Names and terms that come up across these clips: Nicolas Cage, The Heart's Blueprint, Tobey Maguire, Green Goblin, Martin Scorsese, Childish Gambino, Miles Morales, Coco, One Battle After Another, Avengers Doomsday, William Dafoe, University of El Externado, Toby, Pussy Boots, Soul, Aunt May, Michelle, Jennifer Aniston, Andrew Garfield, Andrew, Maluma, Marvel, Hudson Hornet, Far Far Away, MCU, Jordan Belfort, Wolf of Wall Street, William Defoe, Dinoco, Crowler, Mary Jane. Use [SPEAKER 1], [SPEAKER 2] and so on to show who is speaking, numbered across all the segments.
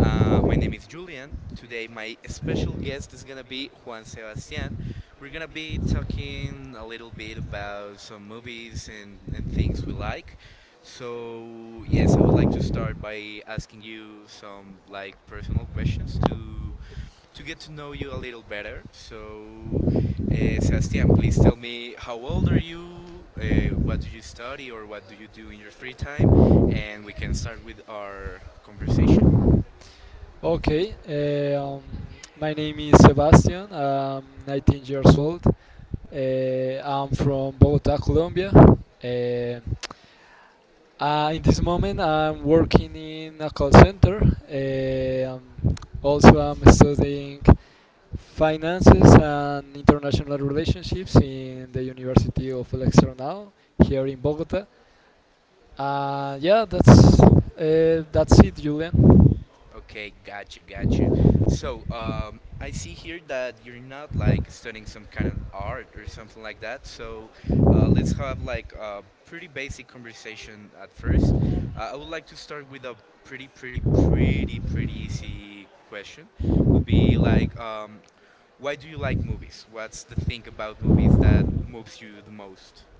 [SPEAKER 1] My name is Julian. Today, my special guest is gonna be Juan Sebastian. We're gonna be talking a little bit about some movies and things we like. So, yes, I would like to start by asking you some like personal questions to get to know you a little better. So, Sebastian, please tell me, how old are you? What do you study, or what do you do in your free time? And we can start with our conversation.
[SPEAKER 2] Okay, eh, um, my name is Sebastian. I'm 19 years old. I'm from Bogota, Colombia. Eh, in this moment, I'm working in a call center. Eh, um, Also, I'm studying finances and international relationships in the University of El Externado here in Bogota. Yeah, that's it, Julian.
[SPEAKER 1] Okay, got you, got you. So, I see here that you're not like studying some kind of art or something like that. So, let's have like a pretty basic conversation at first. I would like to start with a pretty easy question. Would be like, why do you like movies? What's the thing about movies that moves you the most?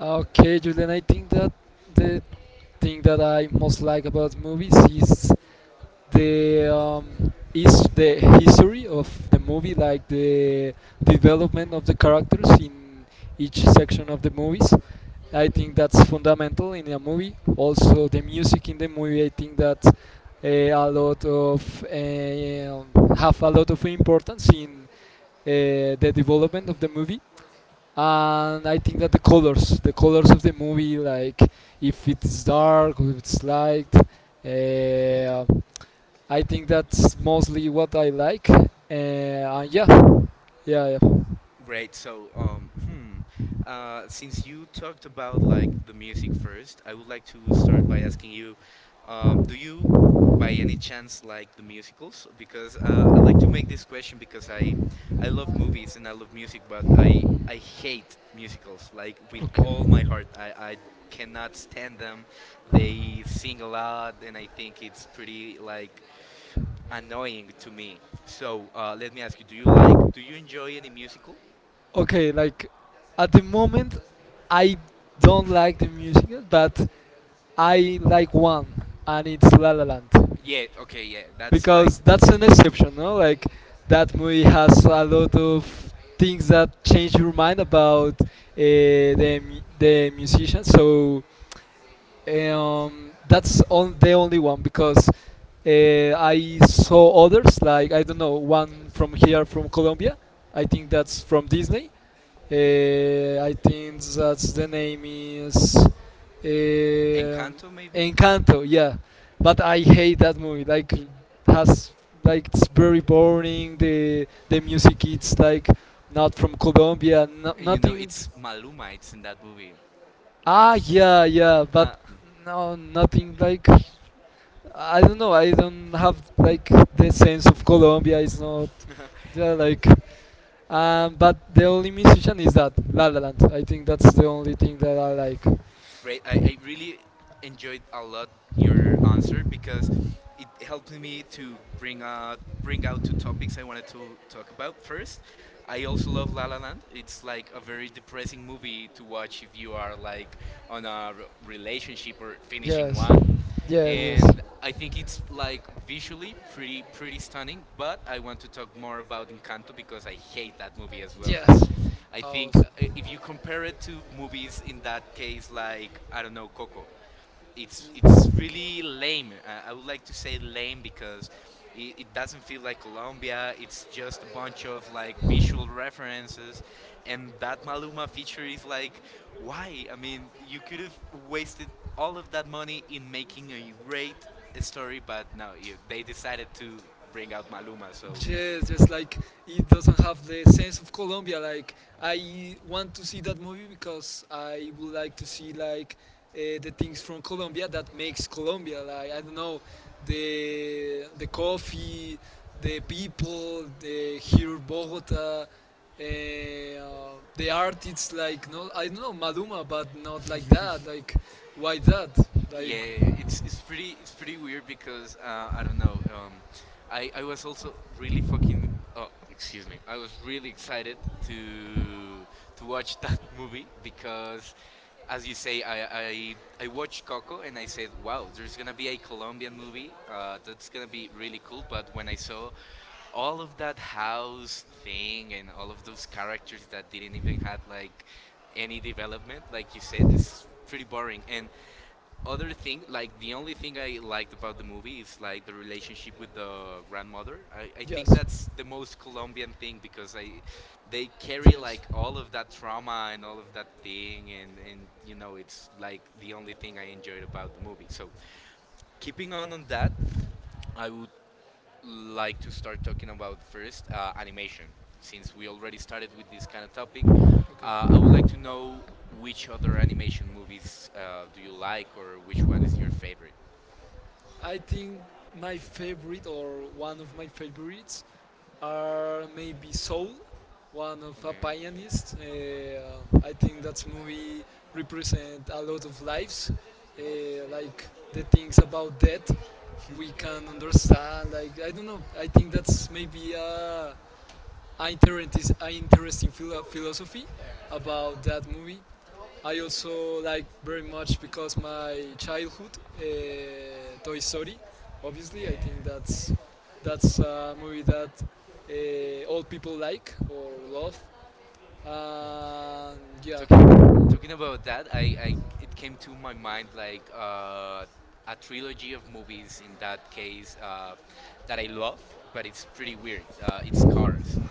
[SPEAKER 2] Okay, Julian, I think that the thing that I most like about movies is the history of the movie, like the development of the characters in each section of the movies. I think that's fundamental in a movie. Also, the music in the movie, I think that a lot of have a lot of importance in the development of the movie, and I think that the colors of the movie, like if it's dark or if it's light, I think that's mostly what I like. And yeah.
[SPEAKER 1] Great. So, hmm. Since you talked about like the music first, I would like to start by asking you, um, do you, by any chance, like the musicals? Because I like to make this question because I love movies and I love music, but I hate musicals like with
[SPEAKER 2] Okay,
[SPEAKER 1] all my heart. I cannot stand them. They sing a lot, and I think it's pretty like annoying to me. So let me ask you: Do you like? Do you enjoy any musical?
[SPEAKER 2] okay. Like at the moment, I don't like the music, but I like one, and it's La La Land.
[SPEAKER 1] Yeah, okay, yeah. That's like
[SPEAKER 2] Because that's an exception, no? Like that movie has a lot of things that change your mind about the musician. So that's on the only one because I saw others like I don't know one from here from Colombia. I think that's from Disney. I think that the name is
[SPEAKER 1] Encanto, maybe?
[SPEAKER 2] Encanto. Yeah, but I hate that movie. Like, has like it's very boring. The music it's like not from Colombia. No,
[SPEAKER 1] And you know,
[SPEAKER 2] nothing.
[SPEAKER 1] it's Maluma, it's in that movie.
[SPEAKER 2] Ah,
[SPEAKER 1] That's.
[SPEAKER 2] yeah, yeah, but
[SPEAKER 1] Uh,
[SPEAKER 2] no, nothing like I don't know. I don't have like the sense of Colombia. It's not they're like, but the only musician is that La La Land. I think that's the only thing that I like.
[SPEAKER 1] Great. I really enjoyed a lot your answer because it helped me to bring out two topics I wanted to talk about. First, I also love La La Land. It's like a very depressing movie to watch if you are like on a relationship or finishing one,
[SPEAKER 2] Yes, yes.
[SPEAKER 1] and I think it's like visually pretty stunning. But I want to talk more about Encanto because I hate that
[SPEAKER 2] Well.
[SPEAKER 1] movie as well.
[SPEAKER 2] Yes. I
[SPEAKER 1] I,
[SPEAKER 2] think
[SPEAKER 1] I think
[SPEAKER 2] awesome.
[SPEAKER 1] if you compare it to movies in that case, like I don't know, Coco, it's really lame. I would like to say lame because it doesn't feel like Colombia. It's just a bunch of like visual references, and that Maluma feature is like, why? I mean, you could have wasted all of that money in making a great story, but no, they decided to bring out Maluma. So
[SPEAKER 2] Yes, just like it doesn't have the sense of Colombia. Like I want to see that movie because I would like to see like the things from Colombia that makes Colombia. Like I don't know, the coffee, the people, the here Bogota, the art it's like no I don't know Maluma but not like that, like why that, like
[SPEAKER 1] yeah, it's pretty weird because I don't know. I was also really fucking. Oh, excuse me. I was really excited to to watch that movie because, as you say, I watched Coco and I said, wow, there's gonna be a Colombian movie. That's gonna be really cool. But when I saw all of that house thing and all of those characters that didn't even had like any development, like you said, it's pretty boring. And other thing, like the only thing I liked about the movie is like the relationship with the grandmother. I think that's the most Colombian thing because I they carry like all of that trauma and all of that thing, and you know, it's like the only thing I enjoyed about the movie. So keeping on that, I would like to start talking about first animation. Since we already started with this kind of topic, I would like to know which other animation movies do you like, or which one is your favorite?
[SPEAKER 2] I think my favorite or one of my favorites are maybe Soul, one of
[SPEAKER 1] Okay.
[SPEAKER 2] a pianist. I think that movie represent a lot of lives, uh, like the things about death we can understand. Like I don't know. I think that's maybe a interesting, an interesting philosophy about that movie. I also like very much because my childhood, Toy Story. Obviously, I think that's a movie that all people like or love. And
[SPEAKER 1] Yeah.
[SPEAKER 2] yeah.
[SPEAKER 1] Talking about that, I it came to my mind like a trilogy of movies, in that case, that I love, but it's pretty weird. It's Cars.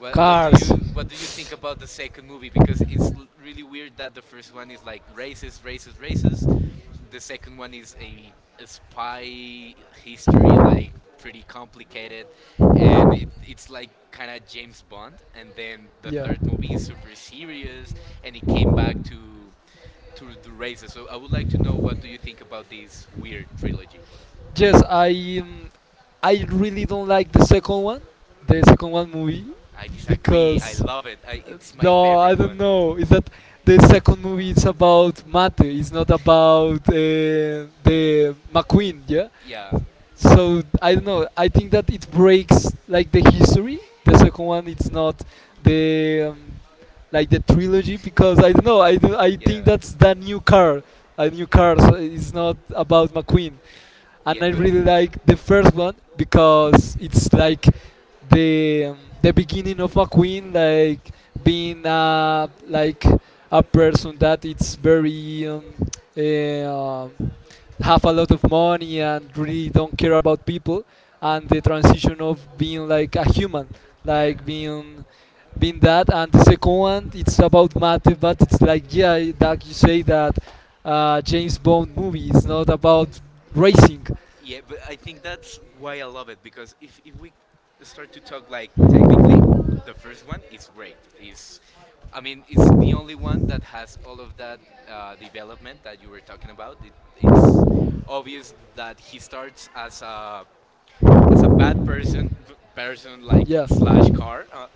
[SPEAKER 1] What do you think about the second movie? Because it's really weird that the first one is like races. The second one is a spy history, like pretty complicated, and it's like kind of James Bond. And then the third movie is super serious, and it came back to the races. So I would like to know, what do you think about this weird trilogy?
[SPEAKER 2] Weird, yes. I I really don't like the second one movie,
[SPEAKER 1] I disagree. I
[SPEAKER 2] because
[SPEAKER 1] love it. It's my
[SPEAKER 2] no, I
[SPEAKER 1] favorite
[SPEAKER 2] don't
[SPEAKER 1] one.
[SPEAKER 2] know. Is that the second movie? It's about Mate. It's not about the McQueen. Yeah,
[SPEAKER 1] Yeah,
[SPEAKER 2] so I don't know. I think that it breaks like the history. The second one, it's not the like the trilogy because I don't know. I think
[SPEAKER 1] yeah,
[SPEAKER 2] that's the new car, a new car. So it's not about McQueen, and
[SPEAKER 1] yeah.
[SPEAKER 2] I
[SPEAKER 1] But
[SPEAKER 2] really like the first one because it's like the beginning of a queen, like being like a person that it's very eh, um, have a lot of money and really don't care about people, and the transition of being like a human,
[SPEAKER 1] Yeah.
[SPEAKER 2] like being been that, and the second one it's about math but it's like yeah that you say that james bond movie is not about racing. Yeah,
[SPEAKER 1] Yeah, but I think that's why I love it, because if we start to talk like,
[SPEAKER 2] like
[SPEAKER 1] the first one, it's great. It's, I mean, it's the only one that has all of that development that you were talking about. It's obvious that he starts as a bad person, like slash car.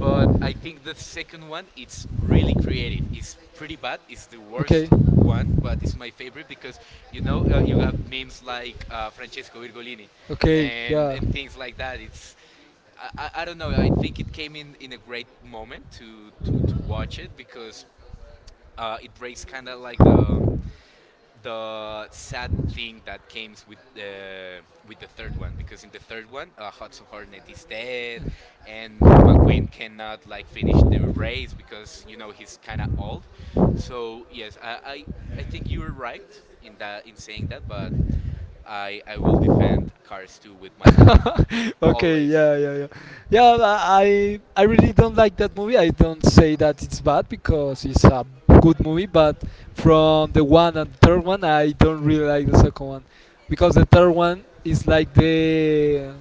[SPEAKER 1] But I think the second one, it's really creative. It's pretty bad. It's the worst one, but it's my favorite, because you know, you have memes like Francesco Virgolini,
[SPEAKER 2] okay,
[SPEAKER 1] and
[SPEAKER 2] yeah.
[SPEAKER 1] things like that. It's I don't know. I think it came in a great moment to watch it, because it breaks kind of like the sad thing that came with the third one, because in the third one Hudson Hornet is dead and McQueen cannot like finish the race because, you know, he's kind of old. So yes, I think you were right in that, in saying that, but I will defend Cars 2 with my life
[SPEAKER 2] Okay,
[SPEAKER 1] always.
[SPEAKER 2] yeah, yeah, yeah, yeah. I really don't like that movie. I don't say that it's bad because it's a good movie, but from the one and third one, I don't really like the second one because the third one is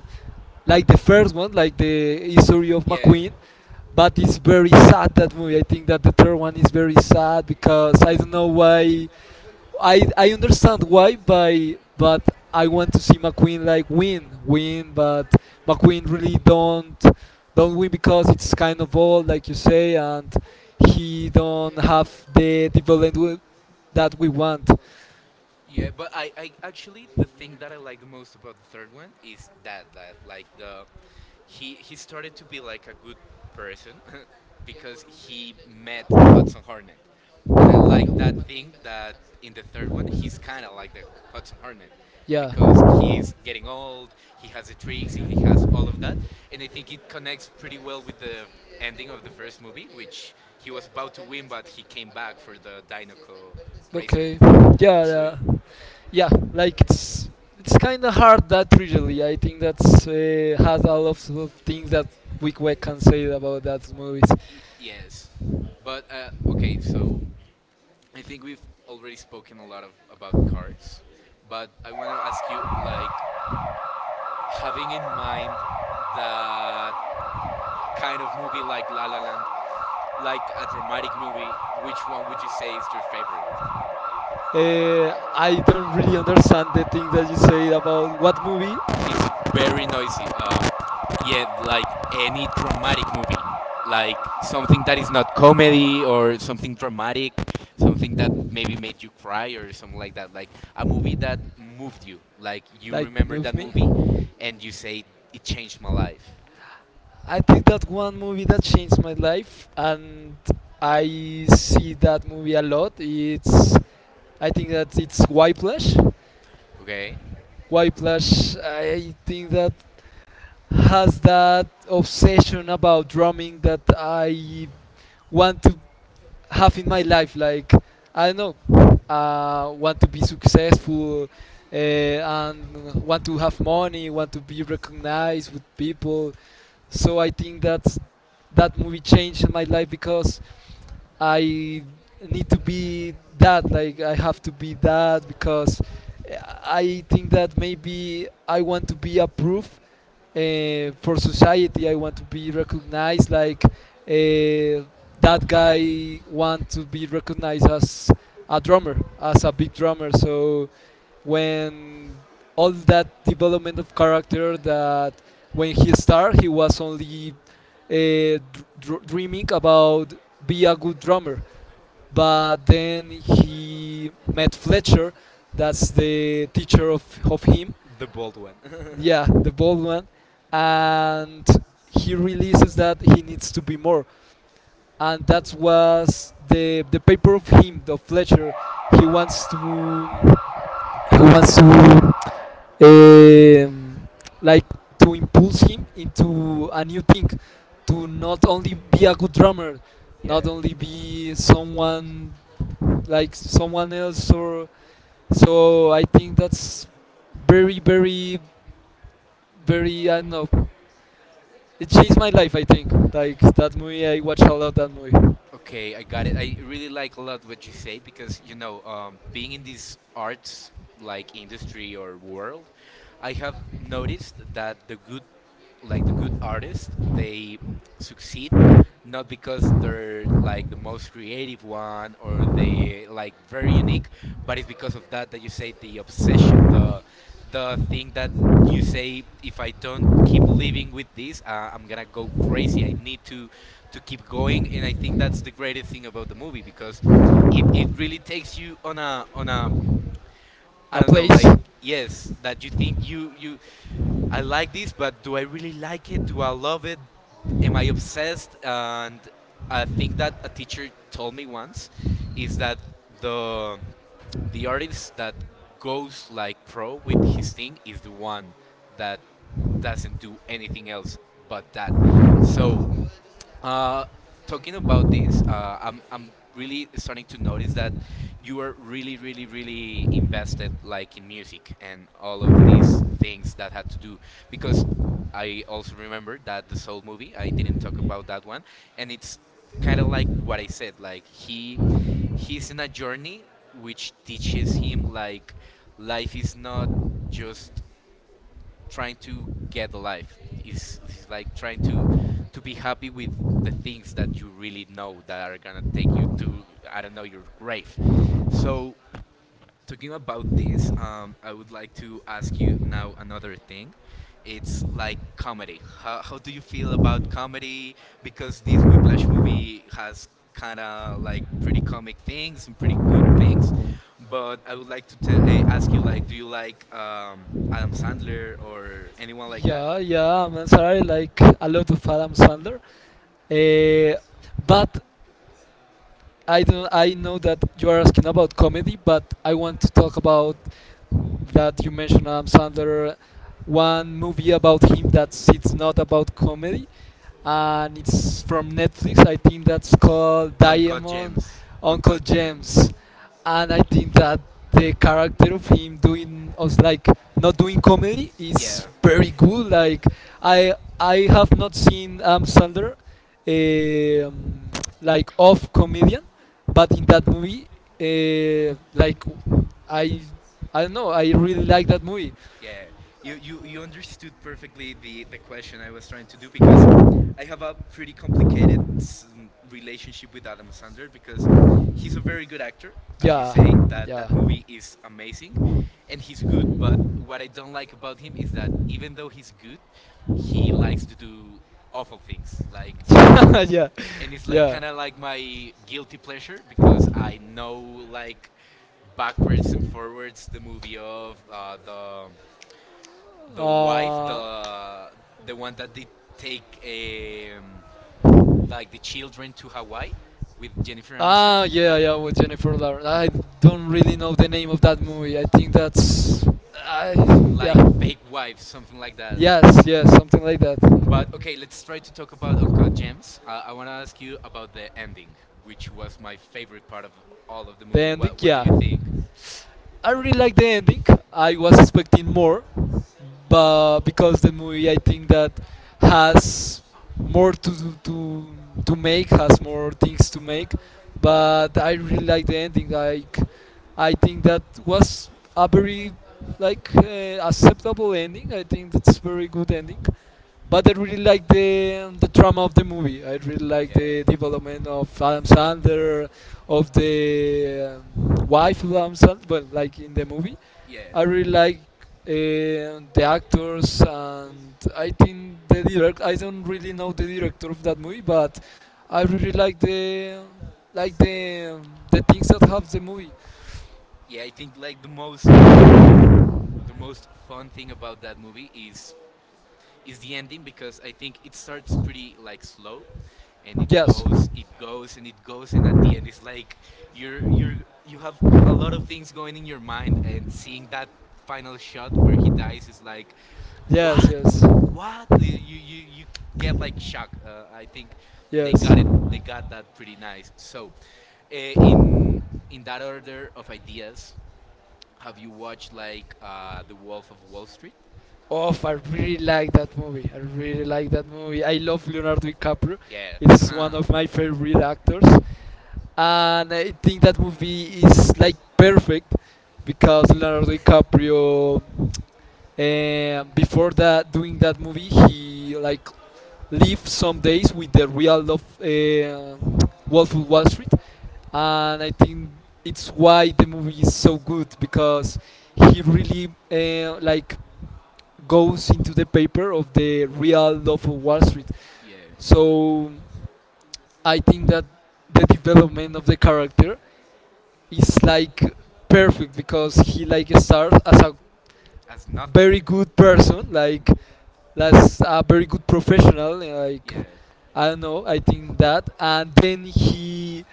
[SPEAKER 2] like the first one, like the history of
[SPEAKER 1] Yeah.
[SPEAKER 2] McQueen. But it's very sad that movie. I think that the third one is very sad because I don't know why. I understand why, by but I want to see McQueen like win, win. But McQueen really don't win because it's kind of old, like you say, and he don't have the development that we want.
[SPEAKER 1] Yeah, but I actually, the thing that I like the most about the third one is that, that like the he started to be like a good person because he met Hudson Hornet. And I like that thing, that in the third one he's kind of like the Hudson Hornet,
[SPEAKER 2] Yeah.
[SPEAKER 1] because he's getting old, he has the tricks and he has all of that. And I think it connects pretty well with the ending of the first movie, which he was about to win but he came back for the Dinoco racer.
[SPEAKER 2] Okay. Yeah.
[SPEAKER 1] So
[SPEAKER 2] Yeah. Yeah, like it's kind of hard that usually. I think that's has a lot of things that we can say about that movies.
[SPEAKER 1] Yes, but okay. So I think we've already spoken a lot of about cars, but I want to ask you, like, having in mind that kind of movie like La La Land, like a dramatic movie, which one would you say is your favorite?
[SPEAKER 2] Uh, I don't really understand the thing that you say about what movie
[SPEAKER 1] It's very noisy. Yeah, like any dramatic movie, like something that is not comedy, or something dramatic, something that maybe made you cry or something like that. Like a movie that moved you. Like you
[SPEAKER 2] like
[SPEAKER 1] remember
[SPEAKER 2] move
[SPEAKER 1] that
[SPEAKER 2] me.
[SPEAKER 1] movie, and you say it changed my life.
[SPEAKER 2] I think that one movie that changed my life, and I see that movie a lot. It's, I think that it's Whiplash.
[SPEAKER 1] Okay,
[SPEAKER 2] Whiplash. I think that has that obsession about drumming that I want to have in my life. Like I don't know, want to be successful, and want to have money, want to be recognized with people. So I think that's that movie changed my life because I need to be that, like I have to be that because I think that maybe I want to be approved for society. I want to be recognized, like that guy want to be recognized as a drummer, as a big drummer. So when all that development of character that when he started he was only uh, dreaming about be a good drummer. But then he met Fletcher, that's the teacher of him,
[SPEAKER 1] the bold one.
[SPEAKER 2] yeah, the bald one, and he realizes that he needs to be more. And that was the paper of him, the Fletcher. He wants to he wants to eh, like to impulse him into a new thing, to not only be a good drummer,
[SPEAKER 1] yeah.
[SPEAKER 2] not only be someone like someone else or so I think that's very very very I don't know it changed my life I think like that movie I watched a lot that movie
[SPEAKER 1] Okay, I got it. I really like a lot what you say, because you know, being in this arts like industry or world, I have noticed that the good, like the good artists, they succeed not because they're like the most creative one or they like very unique, but it's because of that that you say, the obsession, the thing that you say, if I don't keep living with this, I'm gonna go crazy, I need to keep going. And I think that's the greatest thing about the movie, because it really takes you on a on a, I
[SPEAKER 2] now
[SPEAKER 1] don't know,
[SPEAKER 2] please.
[SPEAKER 1] like, yes, that you think you you I like this, but do I really like it? Do I love it? Am I obsessed? And a thing that a teacher told me once is that the the artist that goes like pro with his thing is the one that doesn't do anything else but that. So uh, talking about this, I'm really starting to notice that you are really invested, like in music and all of these things that had to do. Because I also remember that the Soul movie. I didn't talk about that one, and it's kind of like what I said. Like he's in a journey which teaches him like life is not just trying to get a life. It's like trying to be happy with the things that you really know that are gonna take you to, I don't know, your grave. So talking about this, I would like to ask you now another thing. It's like comedy. How do you feel about comedy? Because this Whiplash movie has kind of like pretty comic things and pretty good things. But I would like to ask you, like, do you like Adam Sandler or anyone like that?
[SPEAKER 2] Yeah, yeah, I'm sorry, like a lot of Adam Sandler. Uh, but I don't. I know that you are asking about comedy, but I want to talk about that you mentioned Adam Sandler. One movie about him that it's not about comedy, and it's from Netflix. I think that's called
[SPEAKER 1] Uncut
[SPEAKER 2] Diamond,
[SPEAKER 1] Gems.
[SPEAKER 2] Uncle
[SPEAKER 1] Uncut Gems.
[SPEAKER 2] James, and I think that the character of him doing us like not doing comedy is
[SPEAKER 1] Yeah,
[SPEAKER 2] very good. Like I have not seen Sandler um, like off comedian, but in that movie, like I I don't know, I really like that movie.
[SPEAKER 1] yeah. You understood perfectly the question I was trying to do because. I have a pretty complicated relationship with Adam Sandler because he's a very good actor, as you
[SPEAKER 2] Yeah,
[SPEAKER 1] say. That
[SPEAKER 2] yeah.
[SPEAKER 1] that movie is amazing, and he's good. But what I don't like about him is that, even though he's good, he likes to do awful things. Like,
[SPEAKER 2] Yeah, like
[SPEAKER 1] and it's like
[SPEAKER 2] yeah.
[SPEAKER 1] kind of like my guilty pleasure because I know like backwards and forwards the movie of the wife,
[SPEAKER 2] Uh,
[SPEAKER 1] the one that they take.
[SPEAKER 2] um,
[SPEAKER 1] Like the children to Hawaii with Jennifer Aniston,
[SPEAKER 2] ah, yeah, yeah, with Jennifer Lawrence. I don't really know the name of that movie. I think that's, I, yeah,
[SPEAKER 1] like a fake wife, something like that.
[SPEAKER 2] yes, yes, something like that.
[SPEAKER 1] But okay, let's try to talk about Uncut Gems. I want to ask you about the
[SPEAKER 2] Ending,
[SPEAKER 1] ending, which was my favorite part of all of the movie. What do
[SPEAKER 2] yeah,
[SPEAKER 1] you think?
[SPEAKER 2] I really like the ending. I was expecting more, but because the movie I think that has more to make, has more things to make. But I really like the ending. Like I think that was a very like acceptable ending. I think that's very good ending, but I really like the drama of the movie. I really like
[SPEAKER 1] Yeah.
[SPEAKER 2] the development of Adam Sandler, of the wife of Adam Sandler. Well, like in the movie,
[SPEAKER 1] Yeah.
[SPEAKER 2] I really like the actors, and I think the direct. I don't really know the director of that movie, but I really like the like the things that have the movie.
[SPEAKER 1] Yeah, I think like the most fun thing about that movie is the ending because I think it starts pretty like slow and it goes and it goes and at the end it's like you're you're you have a lot of things going in your mind and seeing that final shot where he dies is like
[SPEAKER 2] Yes,
[SPEAKER 1] what
[SPEAKER 2] yes.
[SPEAKER 1] what you get like shock, I think they got that pretty nice. So in that order of ideas, have you watched like the Wolf of Wall Street?
[SPEAKER 2] Oh, I really like that movie. I really like that movie. I love Leonardo DiCaprio.
[SPEAKER 1] Yeah.
[SPEAKER 2] Yeah, it's one of my favorite actors. And I think that movie is like perfect because Leonardo DiCaprio, before that doing that movie, he like lived some days with the real love, Wolf of Wall Street, and I think it's why the movie is so good because he really like goes into the paper of the real love of Wall Street.
[SPEAKER 1] Yeah.
[SPEAKER 2] So I think that the development of the character is like perfect because he like starts as a
[SPEAKER 1] As nothing.
[SPEAKER 2] very good person, like as a very good professional, like
[SPEAKER 1] Yeah.
[SPEAKER 2] I don't know, I think that, and then he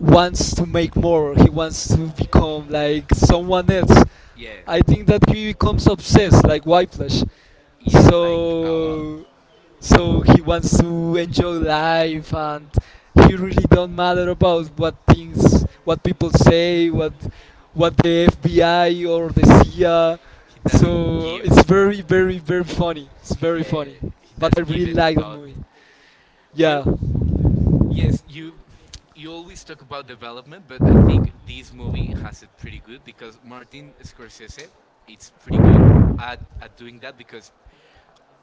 [SPEAKER 2] wants to make more. He wants to become like someone else.
[SPEAKER 1] Yeah.
[SPEAKER 2] I think that he becomes obsessed, like Whiteflash,
[SPEAKER 1] Yeah, like a lot.
[SPEAKER 2] so he wants to enjoy life and he really don't matter about what things, what people say, what the fbi or the cia,
[SPEAKER 1] He doesn't
[SPEAKER 2] so
[SPEAKER 1] give.
[SPEAKER 2] it's very funny, it's very
[SPEAKER 1] Yeah,
[SPEAKER 2] funny,
[SPEAKER 1] he
[SPEAKER 2] but I
[SPEAKER 1] doesn't give
[SPEAKER 2] really
[SPEAKER 1] any
[SPEAKER 2] like the
[SPEAKER 1] thought.
[SPEAKER 2] movie, yeah,
[SPEAKER 1] Well, yes, you always talk about development, but I think this movie has it pretty good because Martin Scorsese, it's pretty good at, doing that because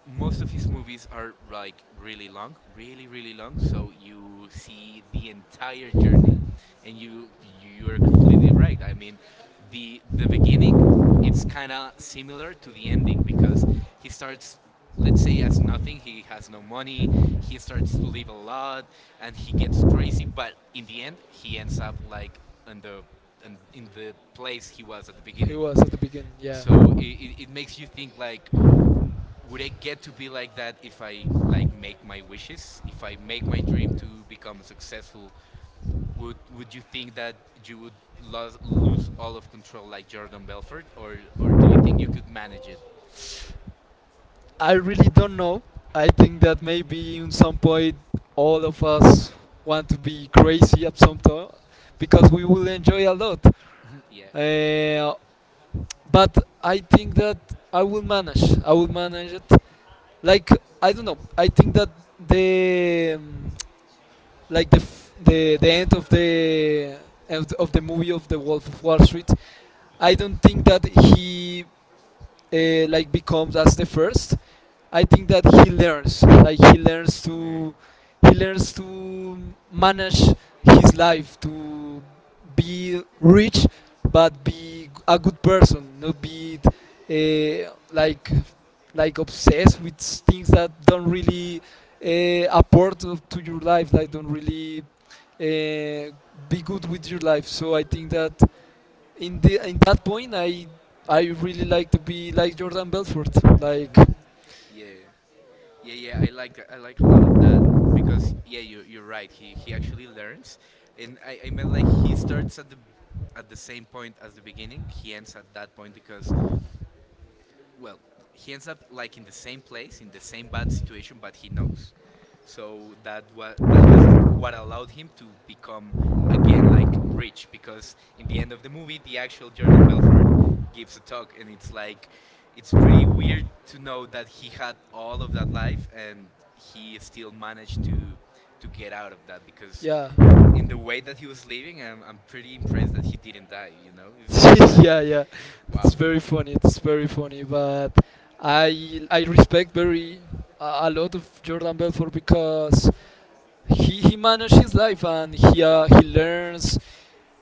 [SPEAKER 1] most of his movies are like really long, really long. So you see the entire journey, and you are completely right. I mean, the beginning, it's kind of similar to the ending because he starts. Let's say as nothing, he has no money. He starts to live a lot, and he gets crazy. But in the end, he ends up like in the in the place he was at the beginning.
[SPEAKER 2] beginning. Yeah.
[SPEAKER 1] So it,
[SPEAKER 2] So
[SPEAKER 1] it, it makes you think like, would I get to be like that if I like make my wishes? If I make my dream to become successful, would you think that you would lose all of control like Jordan Belfort, or do you think you could manage it?
[SPEAKER 2] I really don't know. I think that maybe in some point all of us want to be crazy at some time because we will enjoy a lot.
[SPEAKER 1] Mhm, yeah.
[SPEAKER 2] Uh, but I think that I will manage. I will manage it. Like I don't know. I think that the like the end of the of the movie of the Wolf of Wall Street. I don't think that he like becomes as the first. I think that he learns
[SPEAKER 1] Yeah.
[SPEAKER 2] to he learns to manage his life, to be rich but be a good person, not be like obsessed with things that don't really apport to your life, like don't really uh, be good with your life. So I think that in that point, I really like to be like Jordan Belfort, like.
[SPEAKER 1] Mhm. Yeah. Yeah, yeah, I like a lot of that because yeah, you're right. He actually learns, and I meant like he starts at the same point as the beginning. He ends at that point because, well, he ends up like in the same place, in the same bad situation, but he knows. So that was what allowed him to become again like rich because in the end of the movie, the actual Jordan Belfort gives a talk, and it's like it's pretty weird to know that he had all of that life and he still managed to get out of that, because
[SPEAKER 2] Yeah.
[SPEAKER 1] in the way that he was living, I'm pretty impressed that he didn't die, it's
[SPEAKER 2] Didn't die.
[SPEAKER 1] like
[SPEAKER 2] Yeah, yeah,
[SPEAKER 1] wow.
[SPEAKER 2] it's very funny. It's very funny, but I respect very a lot of Jordan Belfort because he managed his life, and he learns.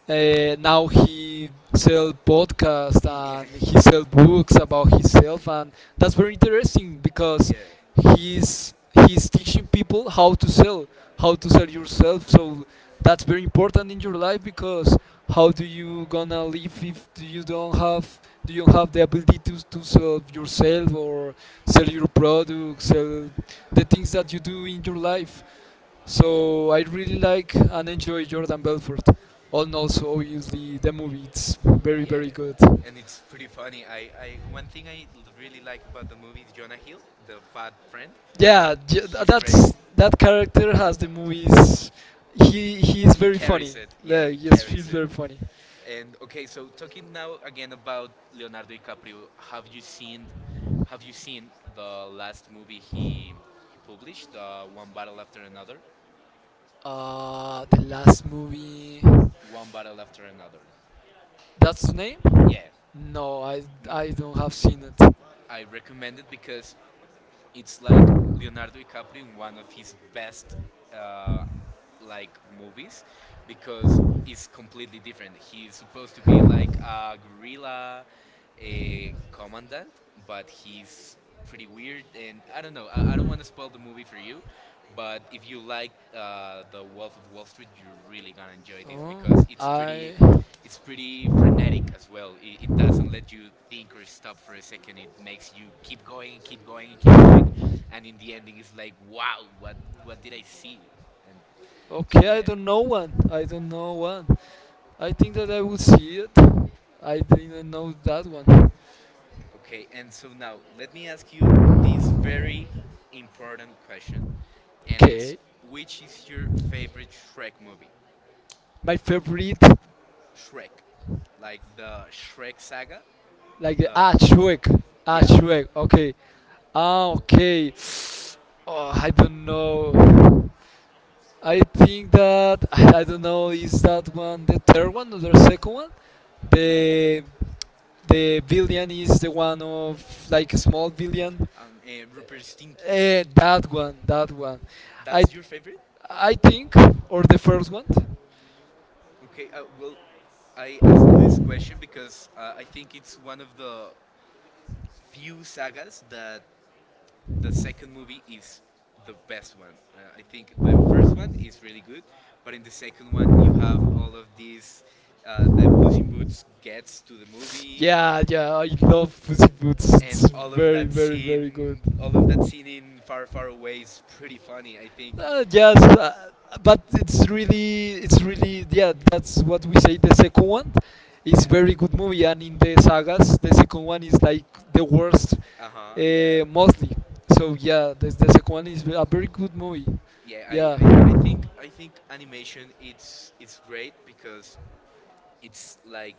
[SPEAKER 2] Now he sell podcasts
[SPEAKER 1] Yeah,
[SPEAKER 2] and he sell books about himself, and that's very interesting because
[SPEAKER 1] yeah,
[SPEAKER 2] he's teaching people how to sell yourself. So that's very important in your life because how do you gonna live if you don't have do you have the ability to, sell yourself or sell your products, sell the things that you do in your life. So I really like and enjoy Jordan Belfort, and also obviously the movie, it's very
[SPEAKER 1] yeah.
[SPEAKER 2] very good.
[SPEAKER 1] And it's pretty funny. I one thing I really like about the movie is Jonah Hill, the fat friend.
[SPEAKER 2] Yeah.
[SPEAKER 1] He's great.
[SPEAKER 2] That's, that character has the movies. He is
[SPEAKER 1] He
[SPEAKER 2] very
[SPEAKER 1] carries
[SPEAKER 2] funny.
[SPEAKER 1] it. Yeah,
[SPEAKER 2] Yeah,
[SPEAKER 1] he
[SPEAKER 2] yes,
[SPEAKER 1] carries
[SPEAKER 2] he's
[SPEAKER 1] it.
[SPEAKER 2] very funny.
[SPEAKER 1] And okay, so talking now again about Leonardo DiCaprio, have you seen the last movie he published, One Battle After Another?
[SPEAKER 2] The last movie,
[SPEAKER 1] One Battle After Another.
[SPEAKER 2] that's the name.
[SPEAKER 1] Yeah.
[SPEAKER 2] No,
[SPEAKER 1] No,
[SPEAKER 2] I don't have seen it.
[SPEAKER 1] I recommend it because it's like Leonardo DiCaprio in one of his best uh, like movies because it's completely different. He's supposed to be like a guerrilla, a commandant, but he's pretty weird and I don't know. I don't want to spoil the movie for you, but if you like the Wolf of Wall Street, you're really gonna enjoy this because
[SPEAKER 2] I really good.
[SPEAKER 1] it's pretty frenetic as well. It doesn't let you think or stop for a second. It makes you keep going and keep going and keep going, and in the ending, it's like, wow, what did I see? And so
[SPEAKER 2] Okay,
[SPEAKER 1] yeah.
[SPEAKER 2] I don't know one. I don't know one. I think that I will see it. I didn't know that one.
[SPEAKER 1] Okay, and so now let me ask you this very important question, and it's:
[SPEAKER 2] Okay.
[SPEAKER 1] which is your favorite Shrek movie?
[SPEAKER 2] My favorite,
[SPEAKER 1] Shrek, like the Shrek saga,
[SPEAKER 2] like the
[SPEAKER 1] the
[SPEAKER 2] ah Shrek, ah
[SPEAKER 1] yeah,
[SPEAKER 2] Shrek. Okay. Ah, okay. Oh, I don't know. I think that I don't know. Is that one the third one or the second one? The the villain is the one of like small villain.
[SPEAKER 1] and Rupert Stinky.
[SPEAKER 2] Eh, that one, that one.
[SPEAKER 1] That's
[SPEAKER 2] I,
[SPEAKER 1] your favorite?
[SPEAKER 2] I think, or the first one.
[SPEAKER 1] Okay. Well, I asked this question because I think it's one of the few sagas that the second movie is the best one. I think the first one is really good, but in the second one you have all of these. The Puss in Boots gets to the movie,
[SPEAKER 2] Yeah, yeah, I love Pussy Boots.
[SPEAKER 1] and
[SPEAKER 2] It's
[SPEAKER 1] all of that
[SPEAKER 2] very, very, very
[SPEAKER 1] scene,
[SPEAKER 2] good.
[SPEAKER 1] all of that scene in Far Far Away is pretty funny. I think.
[SPEAKER 2] Yes, but it's really, yeah, that's what we say. The second one
[SPEAKER 1] Yeah.
[SPEAKER 2] is very good movie, and in the sagas, the second one is like the worst,
[SPEAKER 1] Uh huh. Yeah.
[SPEAKER 2] mostly. So yeah, the second one is a very good movie.
[SPEAKER 1] Yeah. I,
[SPEAKER 2] Yeah.
[SPEAKER 1] I I think I think animation, it's great because it's like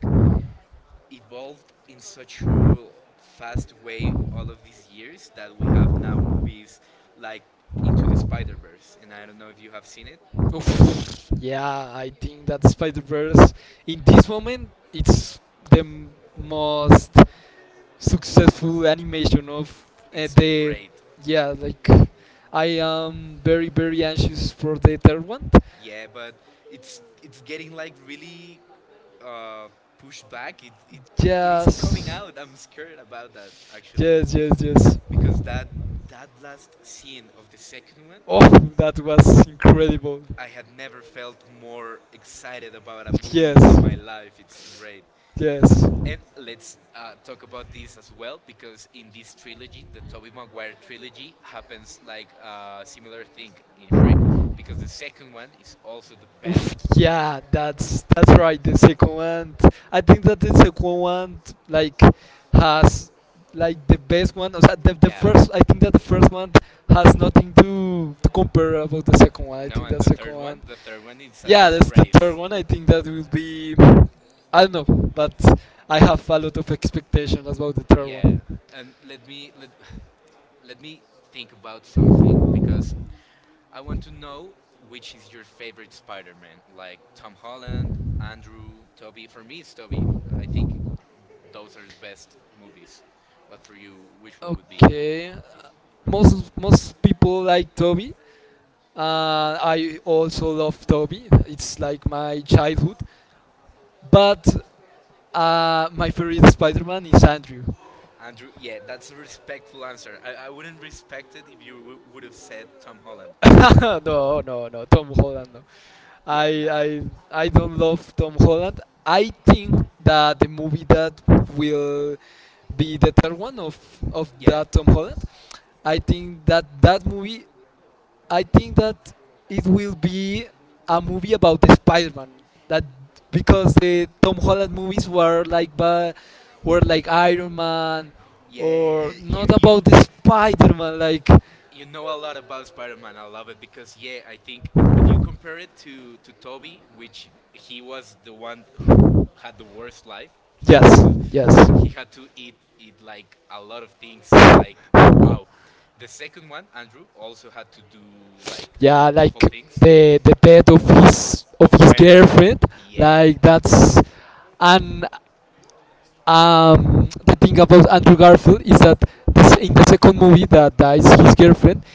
[SPEAKER 1] evolved in such a fast way all of these years that we have now movies like Into the Spider Verse, and I don't know if you have seen it.
[SPEAKER 2] Oof. Yeah, I think that Spider Verse in this moment it's the m- most successful animation of
[SPEAKER 1] It's
[SPEAKER 2] the,
[SPEAKER 1] great.
[SPEAKER 2] yeah, like, I am very very anxious for the third one.
[SPEAKER 1] Yeah, but it's getting like really uh, pushed back. It isn't coming
[SPEAKER 2] Yes,
[SPEAKER 1] out. I'm scared about that actually
[SPEAKER 2] yes, yes, yes.
[SPEAKER 1] because that last scene of the second one,
[SPEAKER 2] Oh, that was incredible.
[SPEAKER 1] I had never felt more excited about a movie in
[SPEAKER 2] Yes.
[SPEAKER 1] my life. It's great.
[SPEAKER 2] Yes.
[SPEAKER 1] And let's talk about this as well because in this trilogy, the Tobey Maguire trilogy, happens like a similar thing in Shrek because the second one is also the best.
[SPEAKER 2] Oof, yeah, that's right. The second one, I think that the second one, like, has like the best one. O sea, the
[SPEAKER 1] Yeah.
[SPEAKER 2] first, I think that the first one has nothing to compare about the second one. I
[SPEAKER 1] No,
[SPEAKER 2] think
[SPEAKER 1] and
[SPEAKER 2] that second one,
[SPEAKER 1] the third one is a
[SPEAKER 2] yeah, that's the
[SPEAKER 1] disgrace.
[SPEAKER 2] third one. I think that will be, I don't know, but I have a lot of expectations about the third
[SPEAKER 1] Yeah,
[SPEAKER 2] one.
[SPEAKER 1] and let me let me think about some because I want to know which is your favorite Spider Man, like Tom Holland, Andrew, Toby. For me, it's Toby. I think those are the best movies. But for you, which one would be?
[SPEAKER 2] Okay, most most people like Toby. I also love Toby. It's like my childhood. But my favorite Spider-Man is Andrew.
[SPEAKER 1] Andrew, yeah, that's a respectful answer. I wouldn't respect it if you would have said Tom Holland.
[SPEAKER 2] No, no, no, Tom Holland. No.
[SPEAKER 1] Yeah, no.
[SPEAKER 2] I don't love Tom Holland. I think that the movie that will be the third one of
[SPEAKER 1] Yeah.
[SPEAKER 2] that Tom Holland, I think that that movie, I think that it will be a movie about the Spider-Man. That, because the Tom Holland movies were like were like Iron Man,
[SPEAKER 1] Yeah,
[SPEAKER 2] or
[SPEAKER 1] you
[SPEAKER 2] not
[SPEAKER 1] you
[SPEAKER 2] about the Spider-Man. Like,
[SPEAKER 1] you know a lot about Spider-Man. I love it because yeah, I think if you compare it to Toby, which he was the one who had the worst life, he had to
[SPEAKER 2] yes, yes.
[SPEAKER 1] he had to eat like a lot of things. Wow. The second one, Andrew, also had to do like
[SPEAKER 2] Yeah,
[SPEAKER 1] all
[SPEAKER 2] like
[SPEAKER 1] things
[SPEAKER 2] the death of his
[SPEAKER 1] of when.
[SPEAKER 2] girlfriend.
[SPEAKER 1] Yeah,
[SPEAKER 2] Like, that's, and the thing about Andrew Garfield is that this, in the second movie that dies his girlfriend,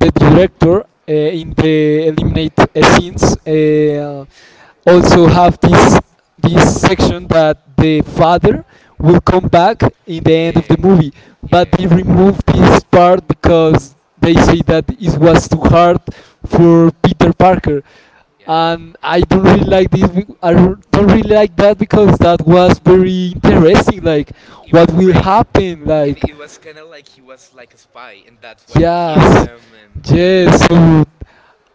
[SPEAKER 2] the director in the eliminate scenes also have this section that the father will come back in the end
[SPEAKER 1] yeah,
[SPEAKER 2] of the movie,
[SPEAKER 1] yeah,
[SPEAKER 2] but they remove this part because they say that it was too hard for Peter Parker.
[SPEAKER 1] yeah.
[SPEAKER 2] And I don't really like this. I don't really like that because that was very interesting. Like,
[SPEAKER 1] It was
[SPEAKER 2] what will
[SPEAKER 1] great.
[SPEAKER 2] happen?
[SPEAKER 1] And
[SPEAKER 2] Like,
[SPEAKER 1] it was kind of like he was like a spy, and that's why they killed
[SPEAKER 2] yes,
[SPEAKER 1] him. And
[SPEAKER 2] yes. So,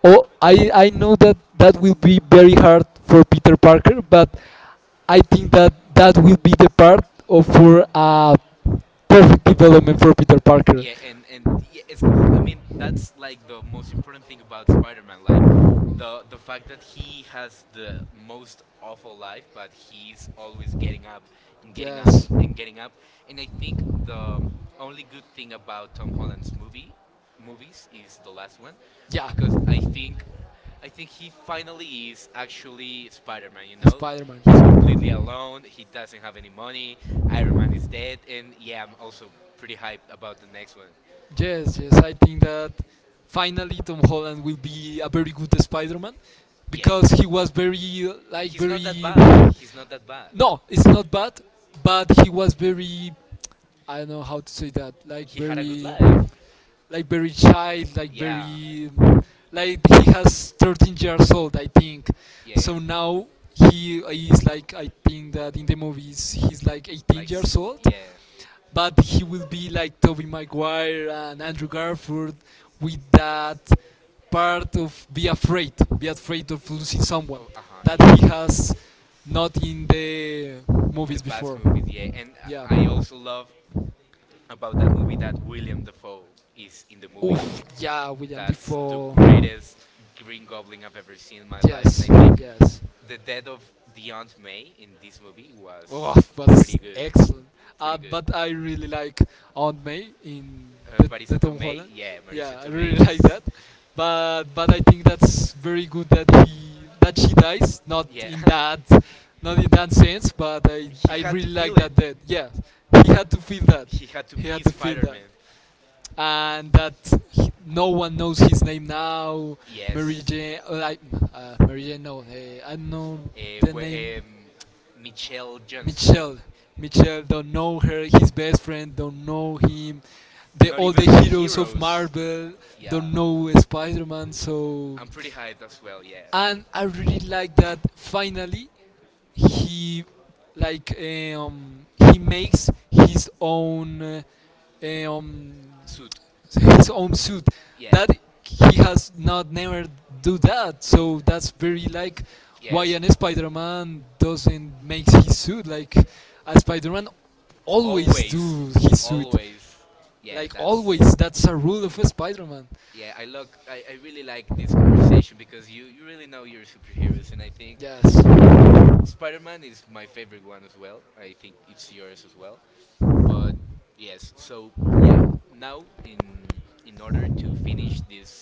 [SPEAKER 2] oh, I know that that will be very hard for Peter Parker, but I think that that will be the part of for a perfect development for Peter
[SPEAKER 1] yeah,
[SPEAKER 2] Parker.
[SPEAKER 1] and yeah, it's. I mean, that's like the most important thing about Spider-Man. Like, the fact that he has the most awful life, but he's always getting up and getting up
[SPEAKER 2] Yes.
[SPEAKER 1] and getting up. And I think the only good thing about Tom Holland's movies is the last one,
[SPEAKER 2] Yeah,
[SPEAKER 1] because I think he finally is actually Spider-Man. You know,
[SPEAKER 2] Spider-Man.
[SPEAKER 1] he's completely alone. He doesn't have any money. Iron Man is dead, and yeah, I'm also pretty hyped about
[SPEAKER 2] One.
[SPEAKER 1] the next one.
[SPEAKER 2] Yes, yes, I think that finally Tom Holland will be a very good Spider-Man
[SPEAKER 1] Yeah,
[SPEAKER 2] because he was very like.
[SPEAKER 1] he's
[SPEAKER 2] He's
[SPEAKER 1] not that
[SPEAKER 2] very.
[SPEAKER 1] bad. He's not that bad.
[SPEAKER 2] No, it's not bad, but he was very, I don't know how to say that.
[SPEAKER 1] He had a good life.
[SPEAKER 2] Like very child, like
[SPEAKER 1] Yeah, so
[SPEAKER 2] very, like he has 13 years old, I think.
[SPEAKER 1] yeah.
[SPEAKER 2] So now he is like, I think that in the movies he's like
[SPEAKER 1] Like,
[SPEAKER 2] 18 years old,
[SPEAKER 1] yeah.
[SPEAKER 2] but he will be like Toby Maguire and Andrew Garfield with that part of be afraid of losing
[SPEAKER 1] Oh,
[SPEAKER 2] someone
[SPEAKER 1] uh huh,
[SPEAKER 2] that
[SPEAKER 1] yeah.
[SPEAKER 2] he has not in the
[SPEAKER 1] the In the
[SPEAKER 2] movies
[SPEAKER 1] past
[SPEAKER 2] before.
[SPEAKER 1] movies, yeah. And
[SPEAKER 2] Yeah.
[SPEAKER 1] I also love about that movie that William Dafoe is in the movie.
[SPEAKER 2] Oof, yeah, William
[SPEAKER 1] That's the
[SPEAKER 2] Defoe.
[SPEAKER 1] greatest Green Goblin I've ever seen in my life, and I
[SPEAKER 2] Yes,
[SPEAKER 1] think
[SPEAKER 2] yes.
[SPEAKER 1] the death of the Aunt May in this movie was
[SPEAKER 2] Oh,
[SPEAKER 1] pretty
[SPEAKER 2] that's
[SPEAKER 1] good,
[SPEAKER 2] excellent.
[SPEAKER 1] pretty good.
[SPEAKER 2] But I really like Aunt May in
[SPEAKER 1] Marisa
[SPEAKER 2] the Tom
[SPEAKER 1] Tomei,
[SPEAKER 2] Holland.
[SPEAKER 1] yeah, Marisa
[SPEAKER 2] Yeah, I
[SPEAKER 1] Tomei
[SPEAKER 2] really like
[SPEAKER 1] is,
[SPEAKER 2] that. But I think that's very good that he that she dies. Not
[SPEAKER 1] yeah.
[SPEAKER 2] in that, not in that sense. But I
[SPEAKER 1] He had to
[SPEAKER 2] really
[SPEAKER 1] feel
[SPEAKER 2] like
[SPEAKER 1] it.
[SPEAKER 2] that. That, yeah, he had to feel that.
[SPEAKER 1] He had to
[SPEAKER 2] He
[SPEAKER 1] be
[SPEAKER 2] had to feel
[SPEAKER 1] Spider-Man.
[SPEAKER 2] that. And that no one knows his name now.
[SPEAKER 1] Yes.
[SPEAKER 2] Mary Jane, Mary Jane, no, I know
[SPEAKER 1] eh,
[SPEAKER 2] the
[SPEAKER 1] we-
[SPEAKER 2] name.
[SPEAKER 1] em, Michelle Johnson.
[SPEAKER 2] Michelle, Michelle don't know her. His best friend don't know him.
[SPEAKER 1] Not
[SPEAKER 2] The All
[SPEAKER 1] even
[SPEAKER 2] the
[SPEAKER 1] the
[SPEAKER 2] heroes of
[SPEAKER 1] heroes.
[SPEAKER 2] Marvel
[SPEAKER 1] Yeah,
[SPEAKER 2] don't know Spider-Man.
[SPEAKER 1] I'm
[SPEAKER 2] So,
[SPEAKER 1] pretty hyped as well. Yeah.
[SPEAKER 2] and
[SPEAKER 1] And
[SPEAKER 2] I really like that. Finally, he like he makes
[SPEAKER 1] um, suit.
[SPEAKER 2] his own suit
[SPEAKER 1] Yeah.
[SPEAKER 2] that he has not never do that. So that's very like, why an Spider-Man doesn't make his suit? Like a Spider-Man always
[SPEAKER 1] Always,
[SPEAKER 2] do his suit,
[SPEAKER 1] always. Yeah,
[SPEAKER 2] like
[SPEAKER 1] that's
[SPEAKER 2] always, that's a rule of a Spider-Man.
[SPEAKER 1] yeah. I look. I really like this conversation because you really know your superheroes, and I think
[SPEAKER 2] Yes,
[SPEAKER 1] Spider-Man is my favorite one as well. I think it's yours as well. But yes, so yeah. Now in order to finish this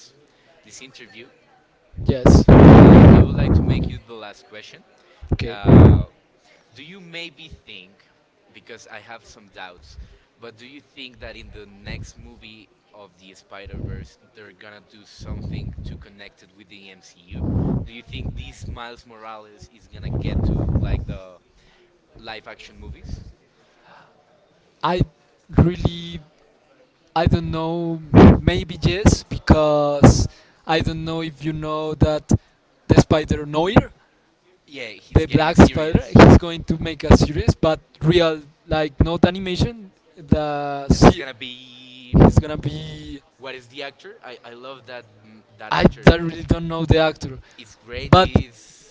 [SPEAKER 1] interview,
[SPEAKER 2] yes.
[SPEAKER 1] I would like to make you the last question.
[SPEAKER 2] Okay.
[SPEAKER 1] Uh, do you maybe think, because I have some doubts, but do you think that in the next movie of the Spider Verse, they're gonna do something to connect it with the MCU? Do you think this Miles Morales is gonna get to like the live action movies?
[SPEAKER 2] I Really, I don't know, maybe yes because I don't know if you know that the Spider Noir,
[SPEAKER 1] Yeah, he's
[SPEAKER 2] the
[SPEAKER 1] getting a
[SPEAKER 2] black spider,
[SPEAKER 1] series,
[SPEAKER 2] he's going to make a series but real, like
[SPEAKER 1] and
[SPEAKER 2] not animation, the
[SPEAKER 1] it's gonna
[SPEAKER 2] se-
[SPEAKER 1] be.
[SPEAKER 2] he's gonna be,
[SPEAKER 1] What is the actor? I love that, that
[SPEAKER 2] I,
[SPEAKER 1] actor.
[SPEAKER 2] I really don't know the actor,
[SPEAKER 1] It's great.
[SPEAKER 2] but.
[SPEAKER 1] Is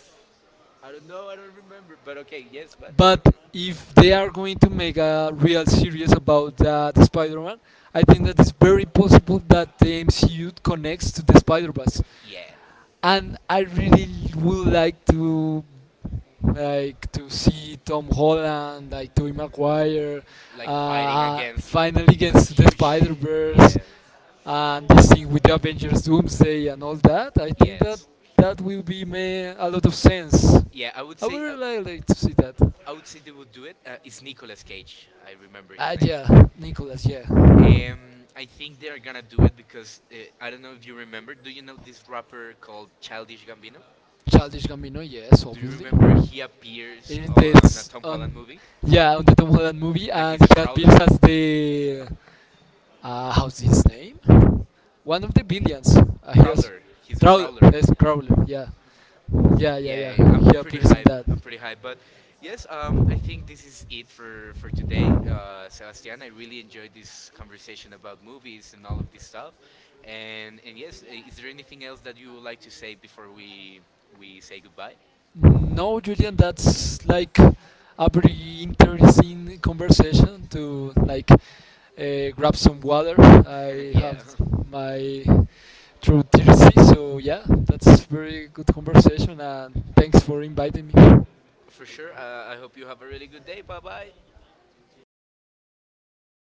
[SPEAKER 1] I don't know. I don't remember. But okay. Yes. But
[SPEAKER 2] But if they are going to make a real series about that Spider-Man, I think that it's very possible that the MCU connects to the Spider-Verse,
[SPEAKER 1] yeah,
[SPEAKER 2] and I really would like to see Tom Holland, like Tobey Maguire,
[SPEAKER 1] like fighting against
[SPEAKER 2] finally gets to the
[SPEAKER 1] huge.
[SPEAKER 2] Spider
[SPEAKER 1] Yeah.
[SPEAKER 2] Verse, and this thing with the Avengers Doomsday and all that. I think
[SPEAKER 1] Yes.
[SPEAKER 2] that that will be made a lot of sense.
[SPEAKER 1] Yeah. I would
[SPEAKER 2] I
[SPEAKER 1] say.
[SPEAKER 2] would really like, to see that.
[SPEAKER 1] I would say they would do it. It's Nicolas Cage. I remember his name.
[SPEAKER 2] Ah, yeah, Nicholas, yeah.
[SPEAKER 1] I think they are gonna do it because I don't know if you remember. Do you know this rapper called Childish Gambino?
[SPEAKER 2] Childish Gambino,
[SPEAKER 1] Do
[SPEAKER 2] yes,
[SPEAKER 1] you
[SPEAKER 2] obviously.
[SPEAKER 1] remember he appears
[SPEAKER 2] In
[SPEAKER 1] on a Tom
[SPEAKER 2] this,
[SPEAKER 1] Holland
[SPEAKER 2] on,
[SPEAKER 1] movie?
[SPEAKER 2] yeah, on the Tom Holland
[SPEAKER 1] And
[SPEAKER 2] movie,
[SPEAKER 1] he's a
[SPEAKER 2] and he
[SPEAKER 1] prowler.
[SPEAKER 2] appears as the how's his name? One of the billions. He
[SPEAKER 1] Prowler.
[SPEAKER 2] has.
[SPEAKER 1] He's a
[SPEAKER 2] Crowler.
[SPEAKER 1] prowler.
[SPEAKER 2] Yes, Crowler. Yeah,
[SPEAKER 1] Yeah,
[SPEAKER 2] yeah, yeah,
[SPEAKER 1] yeah, yeah.
[SPEAKER 2] yeah.
[SPEAKER 1] I'm
[SPEAKER 2] He
[SPEAKER 1] pretty
[SPEAKER 2] appears
[SPEAKER 1] hyped.
[SPEAKER 2] in
[SPEAKER 1] I'm
[SPEAKER 2] that.
[SPEAKER 1] pretty hyped. But yes, I think this is it for, today. Sebastian, I really enjoyed this conversation about movies and all of this stuff. And yes, is there anything else that you would like to say before we say goodbye?
[SPEAKER 2] No, Julian, that's like a very interesting conversation. To, like, grab some water. I
[SPEAKER 1] Yeah.
[SPEAKER 2] have my through thirsty, so yeah, that's very good conversation, and thanks for inviting me.
[SPEAKER 1] For sure. I hope you have a really good day. Bye bye.